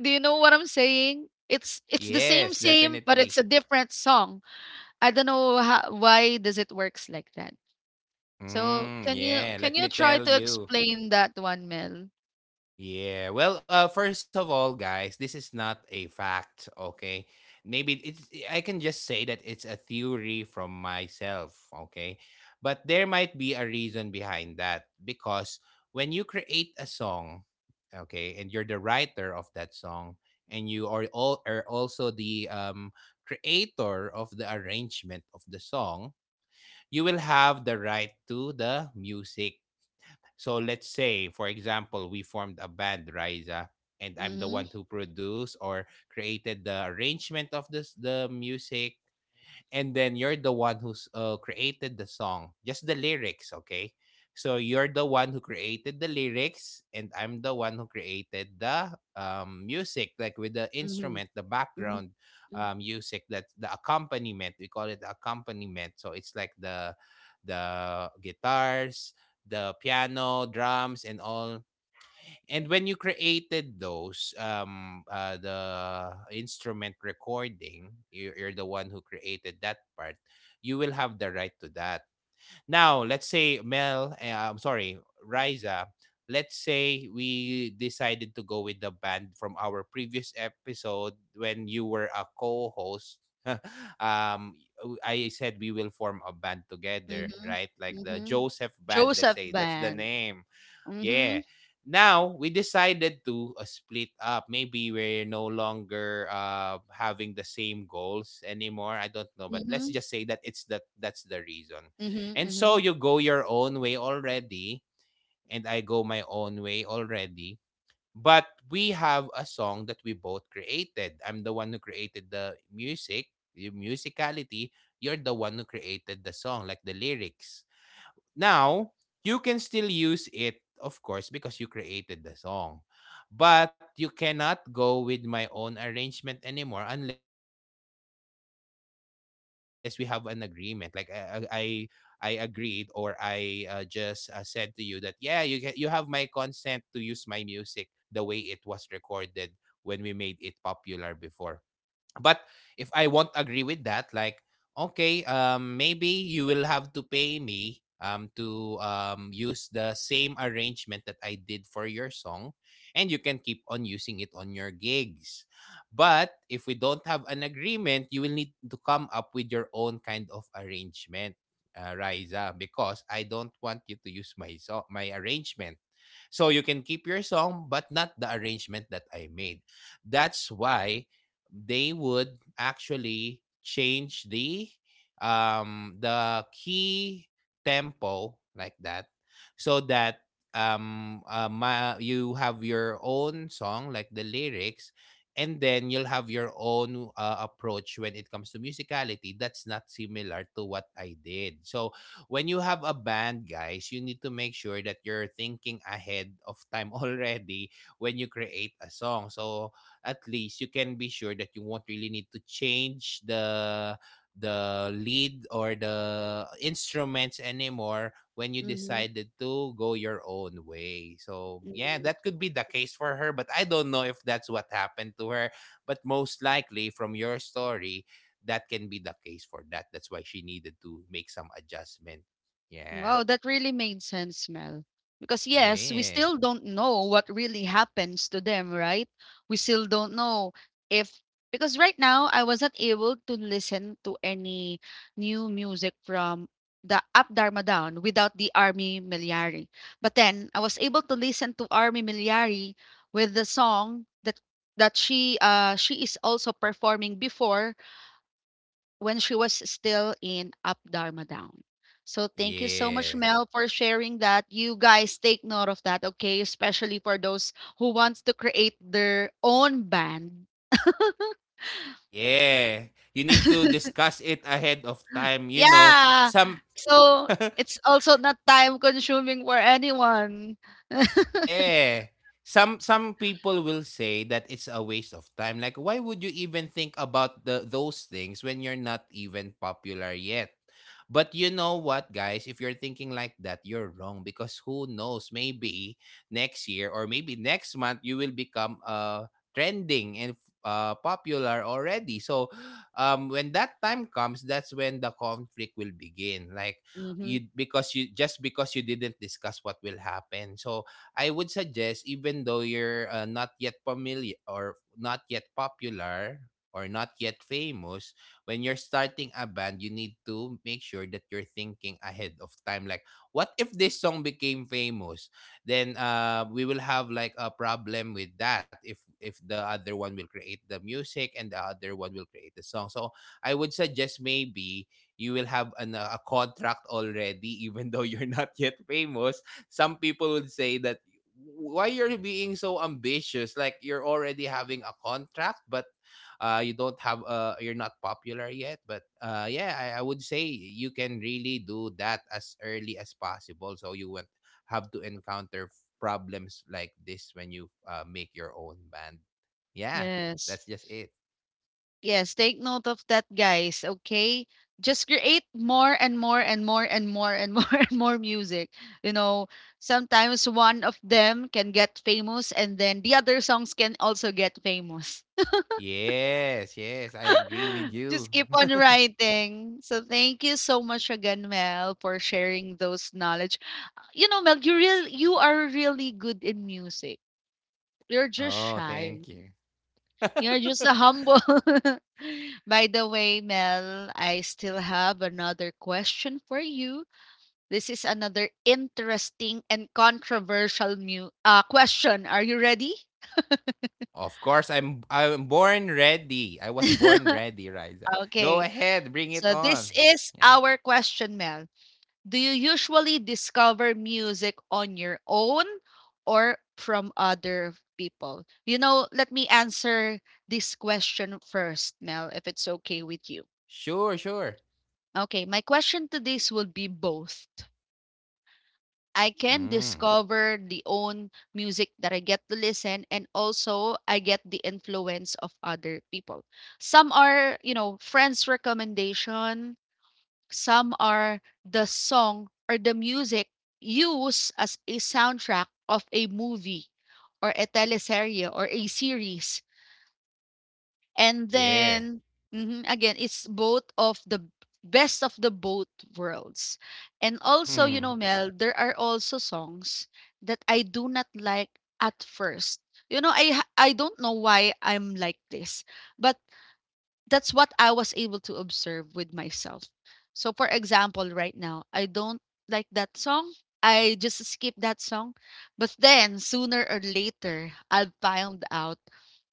do you know what I'm saying? It's the same
Yes,
same, but it's
definitely.
a different song. I don't know how, why does it works like that. So,
Mm,
can you
yeah,
can
let
you
me
try
tell
to
you.
explain that one, Mel?
Yeah. Well, first of all, guys, this is not a fact, okay? Maybe it's I can just say that it's a theory from myself, okay? But there might be a reason behind that because when you create a song, okay, and you're the writer of that song and you are all are also the creator of the arrangement of the song, you will have the right to the music. So let's say, for example, we formed a band, Riza, and I'm the
Mhm,
one who produced or created the arrangement of this the music, and then you're the one who's created the song, just the lyrics. Okay, so you're the one who created the lyrics and I'm the one who created the music, like with the
mhm,
instrument, the
mhm,
background
mhm,
music, that the accompaniment, we call it accompaniment. So it's like the guitars, the piano, drums, and all. And when you created those, the instrument recording, you're the one who created that part. You will have the right to that. Now, let's say Mel, I'm sorry, Riza. Let's say we decided to go with the band from our previous episode when you were a co-host. (laughs) I said we will form a band together,
mhm,
right? Like the
mhm.
Joseph Band. Let's
Joseph
say that's the
Band.
name. Yeah.
Mhm,
Now we decided to split up. Maybe we're no longer having the same goals anymore. I don't know, but let's
mhm,
just say that it's that's the reason.
mhm,
And so
mhm,
you go your own way already, and I go my own way already. But we have a song that we both created. I'm the one who created the music, the musicality. You're the one who created the song, like the lyrics. Now, you can still use it, of course, because you created the song. But you cannot go with my own arrangement anymore unless we have an agreement. Like I agreed or I just said to you that yeah, you can, you have my consent to use my music the way it was recorded when we made it popular before. But if I won't agree with that, like, okay, maybe you will have to pay me to use the same arrangement that I did for your song, and you can keep on using it on your gigs. But if we don't have an agreement, you will need to come up with your own kind of arrangement, Riza, because I don't want you to use my arrangement. So you can keep your song, but not the arrangement that I made. That's why they would actually change the key, tempo, like that, so that you have your own song, like the lyrics, and then you'll have your own approach when it comes to musicality that's not similar to what I did. So when you have a band, guys, you need to make sure that you're thinking ahead of time (laughs) already when you create a song. So at least you can be sure that you won't really need to change the lead or the instruments anymore when you
mhm,
decided to go your own way. So, yeah,
mhm.
that could be the case for her, but I don't know if that's what happened to her, but most likely from your story, that can be the case for that. That's why she needed to make some adjustment. Yeah.
Wow, that really made sense, Mel. Because yes, we
Yeah.
still don't know what really happens to them, right? We still don't know if because right now I wasn't able to listen to any new music from the Up Dharma Down without the Army Miliari. But then I was able to listen to Army Miliari with the song that she is also performing before when she was still in Up Dharma Down. So thank you so much,
Yeah.
Mel, for sharing that. You guys take note of that, okay? Especially for those who wants to create their own band.
Yeah. You need to discuss it ahead of time, you know.
Yeah.
Some
So it's also not time consuming for anyone.
Yeah. Some people will say that it's a waste of time. Like why would you even think about the those things when you're not even popular yet? But you know what, guys? If you're thinking like that, you're wrong because who knows? Maybe next year or maybe next month you will become trending and popular already. So, when that time comes, that's when the conflict will begin. Like
Mm-hmm.
you because you just because you didn't discuss what will happen. So I would suggest, even though you're not yet familiar or not yet popular or not yet famous, when you're starting a band, you need to make sure that you're thinking ahead of time. Like, what if this song became famous? Then we will have like a problem with that if the other one will create the music and the other one will create the song. So I would suggest maybe you will have an, a contract already, (laughs) even though you're not yet famous. Some people would say that why you're being so ambitious like you're already having a contract but you don't have you're not popular yet but yeah I would say you can really do that as early as possible so you won't have to encounter f- problems like this when you make your own band. Yeah,
Yes.
that's just it.
Yes, take note of that, guys. Okay, just create more and more and more and more and more (laughs) and more music. You know, sometimes one of them can get famous, and then the other songs can also get famous.
Yes, I agree with
(laughs) Just
you.
keep on
(laughs)
writing. So thank you so much again, Mel, for sharing those knowledge. You know, Mel, you are really good in music. You're just
Oh, thank
shy.
you.
You're
(laughs)
just a humble. (laughs) By the way, Mel, I still have another question for you. This is another interesting and controversial question. Are you ready?
Of course, I'm born ready. I was born ready, Riza. Go
Okay.
ahead, bring it
So, this
on.
is
Yeah.
our question, Mel. Do you usually discover music on your own or from other people? You know, let me answer this question first, Mel, if it's okay with you.
Sure, sure.
Okay, my question to this would be both. I can
Mm.
discover the own music that I get to listen and also I get the influence of other people. Some are, you know, friends recommendation, some are the song or the music used as a soundtrack of a movie or a teleserye or a series. And
Yeah.
then mhm, again, it's both of the best of the both worlds. And also, you know,
Mm.
Mel, there are also songs that I do not like at first. You know, I don't know why I'm like this, but that's what I was able to observe with myself. So for example, right now, I don't like that song. I just skip that song. But then sooner or later, I'll find out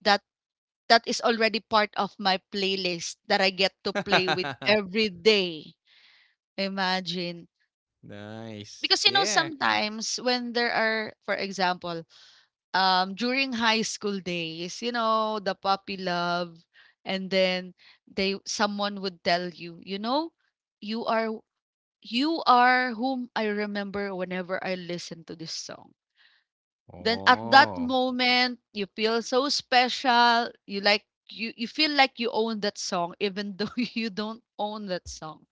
that that is already part of my playlist that I get to play with
(laughs)
every day. Imagine.
Nice.
Because you know
Yeah.
sometimes when there are for example, um, during high school days, you know, the puppy love, and then they someone would tell you, you know, you are you are whom I remember whenever I listen to this song. Then at that
Oh.
moment, you feel so special. You like you feel like you own that song even though (laughs) you don't own that song,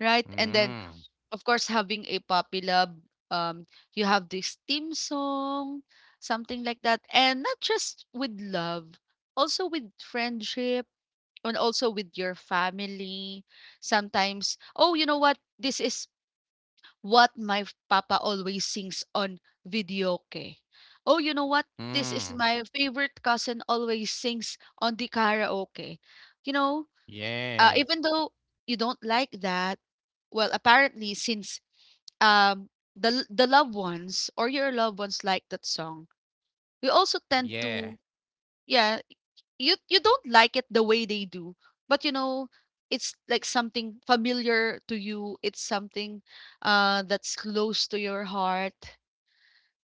right? And then
Mm.
of course having a puppy love, um, you have this theme song, something like that, and not just with love, also with friendship and also with your family. Sometimes, oh, you know what? This is what my papa always sings on videoke. Oh, you know what? This is
Mm.
my favorite cousin always sings on the karaoke. You know,
Yeah.
even though you don't like that, well, apparently since um the loved ones or your loved ones like that song, we also tend
Yeah.
to yeah, you don't like it the way they do, but you know it's like something familiar to you, it's something uh, that's close to your heart,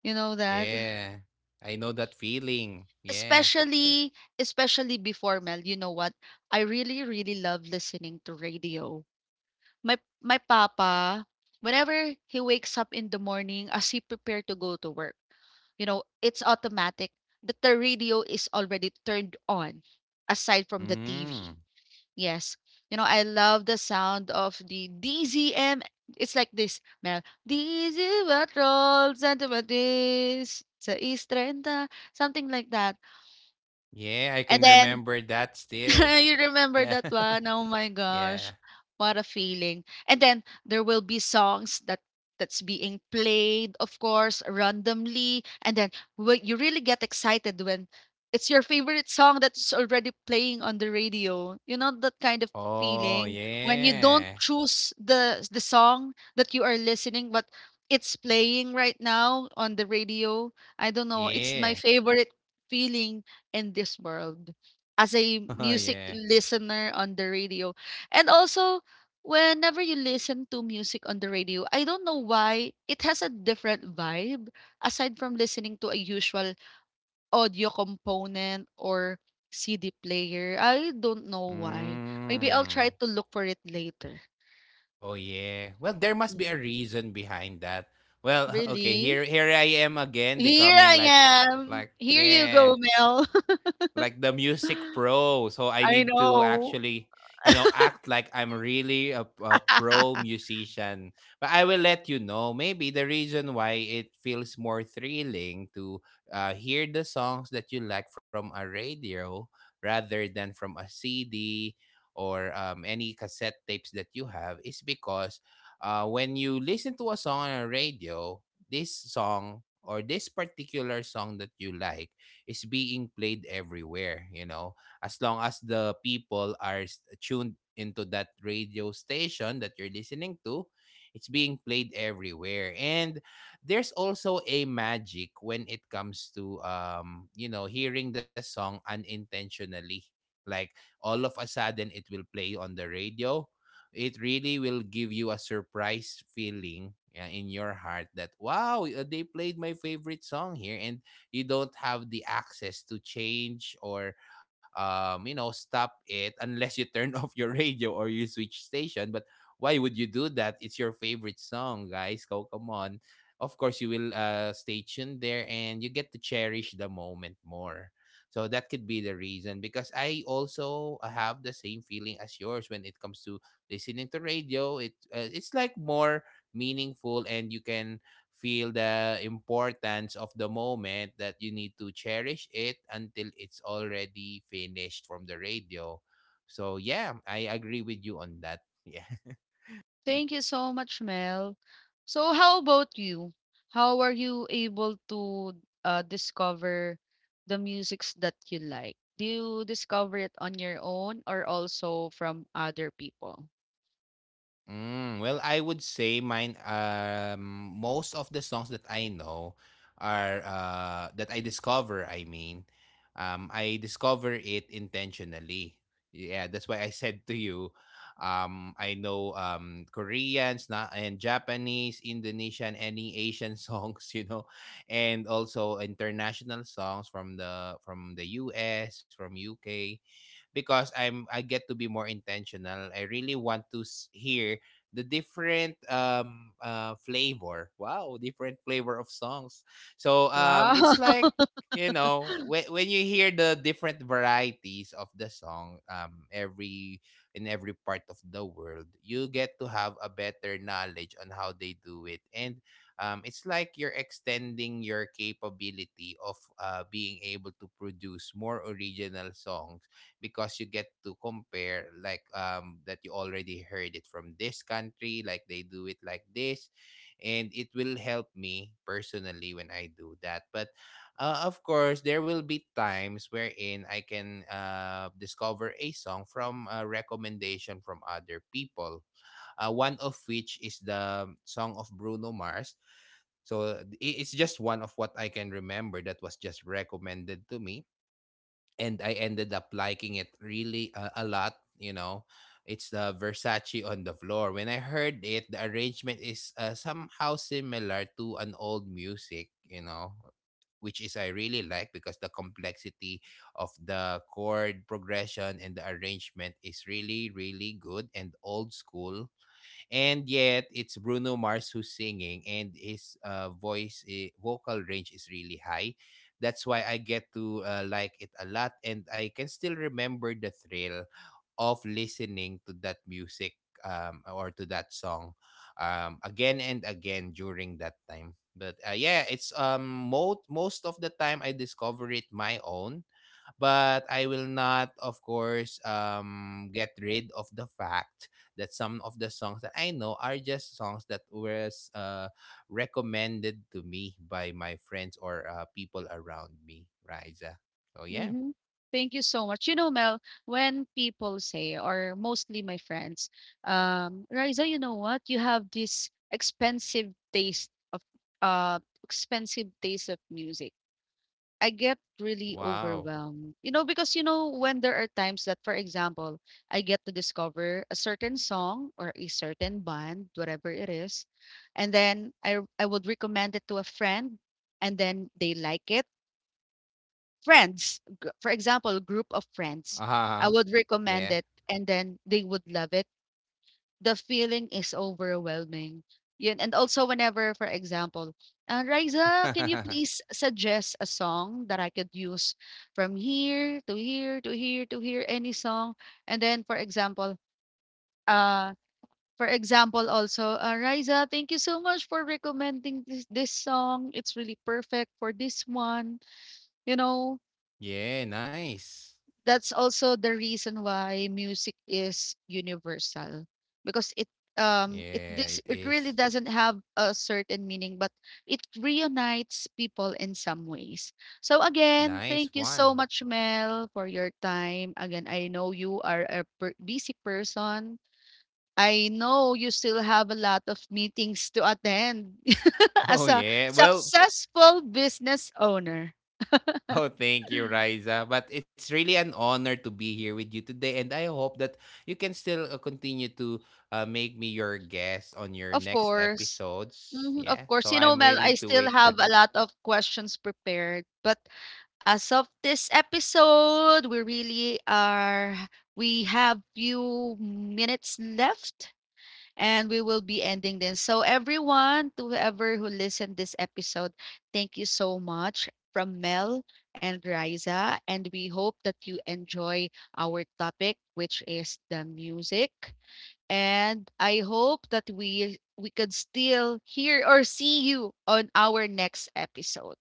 you know that.
Yeah. I know that feeling. Yeah.
Especially especially before, Mel, you know what, I really really love listening to radio. My papa, whenever he wakes up in the morning as he prepare to go to work, you know it's automatic that the radio is already turned on aside from the TV.
Mm.
Yes. You know, I love the sound of the DZM. It's like this, Mel. DZ Patrol, Santa Matis, sa East 30, something like that.
Yeah, I can
And then
remember that
(laughs)
still.
you
Yeah.
remember that one? Oh my
(laughs) Yeah.
gosh, what a feeling. And then there will be songs that that's being played, of course, randomly. And then you really get excited when it's your favorite song that's already playing on the radio. You know that kind of
Oh,
feeling when you don't
yeah.
choose the song that you are listening, but it's playing right now on the radio. I don't know. It's my
Yeah. (laughs)
favorite feeling in this world as a
Oh
music
yeah.
listener on the radio. And also, whenever you listen to music on the radio, I don't know why it has a different vibe aside from listening to a usual audio component or CD player. I don't know why. Maybe I'll
Mm.
try to look for it later.
Oh yeah. Well, there must be
Mhm.
a reason behind that. Well, (laughs) okay,
Really?
here I am again
Here
becoming
I am.
like
Here you
yeah.
go, Mel.
Like the music pro. So I
(laughs)
need
I
to
know.
actually, you know, act like I'm really a pro
(laughs)
musician. But I will let you know. Maybe the reason why it feels more thrilling to hear the songs that you like from a radio rather than from a CD or any cassette tapes that you have is because when you listen to a song on a radio, this song or this particular song that you like is being played everywhere, you know. As long as the people are tuned into that radio station that you're listening to, it's being played everywhere. And there's also a magic when it comes to hearing the song unintentionally. Like all of a sudden it will play on the radio. It really will give you a surprise feeling in your heart that, wow, they played my favorite song here, and you don't have the access to change or, stop it, unless you turn (laughs) off your radio or you switch station. But why would you do that? It's your favorite song, guys. Go, come on. Of course you will stay tuned there, and you get to cherish the moment more. So that could be the reason, because I also have the same feeling as yours when it comes to listening to radio. It it's like more meaningful, and you can feel the importance of the moment that you need to cherish it until it's already finished from the radio. So yeah, I agree with you on that. (laughs) Yeah.
Thank you so much, Mel. So, how about you? How are you able to discover the musics that you like? Do you discover it on your own or also from other people?
Mm, well, I would say mine. Most of the songs that I know are that I discover. I mean, I discover it intentionally. Yeah, that's why I said to you, I know Koreans na and Japanese, Indonesian, any Asian (laughs) songs, you know, and also international songs from the U.S., from U.K, because I get to be more intentional. I really want to hear the different flavor. Wow, different flavor of songs. So
Wow.
it's like,
(laughs)
you know, when you hear the different varieties of the song every in every part of the world, you get to have a better knowledge on how they do it. And it's like you're extending your capability of being able to produce more original songs, because you get to compare, like um, that you already heard it from this country, like they do it like this, and it will help me personally when I do that. But of course there will be times wherein I can discover a song from a recommendation from other people. One of which is the song of Bruno Mars. So it's just one of what I can remember that was just recommended to me, and I ended up liking it really a lot. You know, it's the Versace on the floor. When I heard it, the arrangement is somehow similar to an old music. You know, which is I really like, because the complexity of the chord progression and the arrangement is really really good and old school, and yet it's Bruno Mars who's singing, and his voice vocal range is really high. That's why I get to like it a lot, and I can still remember the thrill of listening to that music, or to that song, again and again during that time. But yeah, it's most of the time I discover it my own, but I will not, of course, get rid of the fact that some of the songs that I know are just songs that were uh, recommended to me by my friends or people around me, Riza. So yeah.
Hmm. Thank you so much. You know, Mel, when people say, or mostly my friends, Riza, you know what? You have this expensive taste of uh, expensive taste of music. I get really
Wow.
overwhelmed. You know, because you know when there are times that for example, I get to discover a certain song or a certain band, whatever it is, and then I would recommend it to a friend and then they like it. Friends, for example, group of friends.
Uh-huh.
I would
Yeah.
recommend it and then they would love it, the feeling is overwhelming. Yun. And also whenever, for example, Riza, can you
(laughs)
please suggest a song that I could use from here to here to here to here, any song? And then, uh, for example, also, Riza, thank you so much for recommending this song. It's really perfect for this one. You know,
Yeah, nice.
that's also the reason why music is universal because
Yeah, it
it really
is.
doesn't have a certain meaning, but it reunites people in some ways. So again,
Nice
thank you so
one.
much, Mel, for your time again. I know you are a busy person, I know you still have a lot of meetings to attend
(laughs)
(laughs)
Oh
as a
yeah. Well,
successful business owner.
oh, thank you, Riza. But it's really an honor to be here with you today. And I hope that you can still continue to make me your guest on your
Of
next
course.
episodes.
Mhm, of
Yeah.
course.
So
You know,
I'm
Mel,
willing
I
to
still
wait for
have a
that.
lot of questions prepared, but as of this episode, we really are we have few minutes left and we will be ending this. So everyone, to whoever who listened this episode, thank you so much from Mel and Riza, and we hope that you enjoy our topic which is the music, and I hope that we could still hear or see you on our next episode.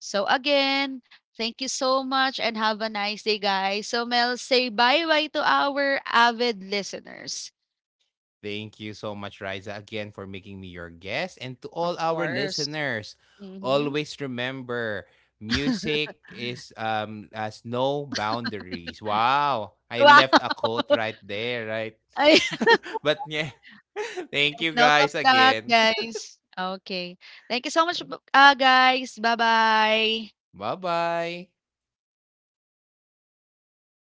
So again, thank you so much and have a nice day, guys. So Mel, say bye bye to our avid listeners,
Thank you so much, Riza, again for making me your guest. And to all
of
our
course.
listeners,
Mm-hmm.
always remember, music is has no boundaries. Wow. I left a
Wow.
quote right there, right?
(laughs) Ay,
(laughs) But yeah. (laughs) Thank you
take note
guys
of that,
again.
guys. Okay. Thank you so much, guys. Bye bye.
Bye-bye.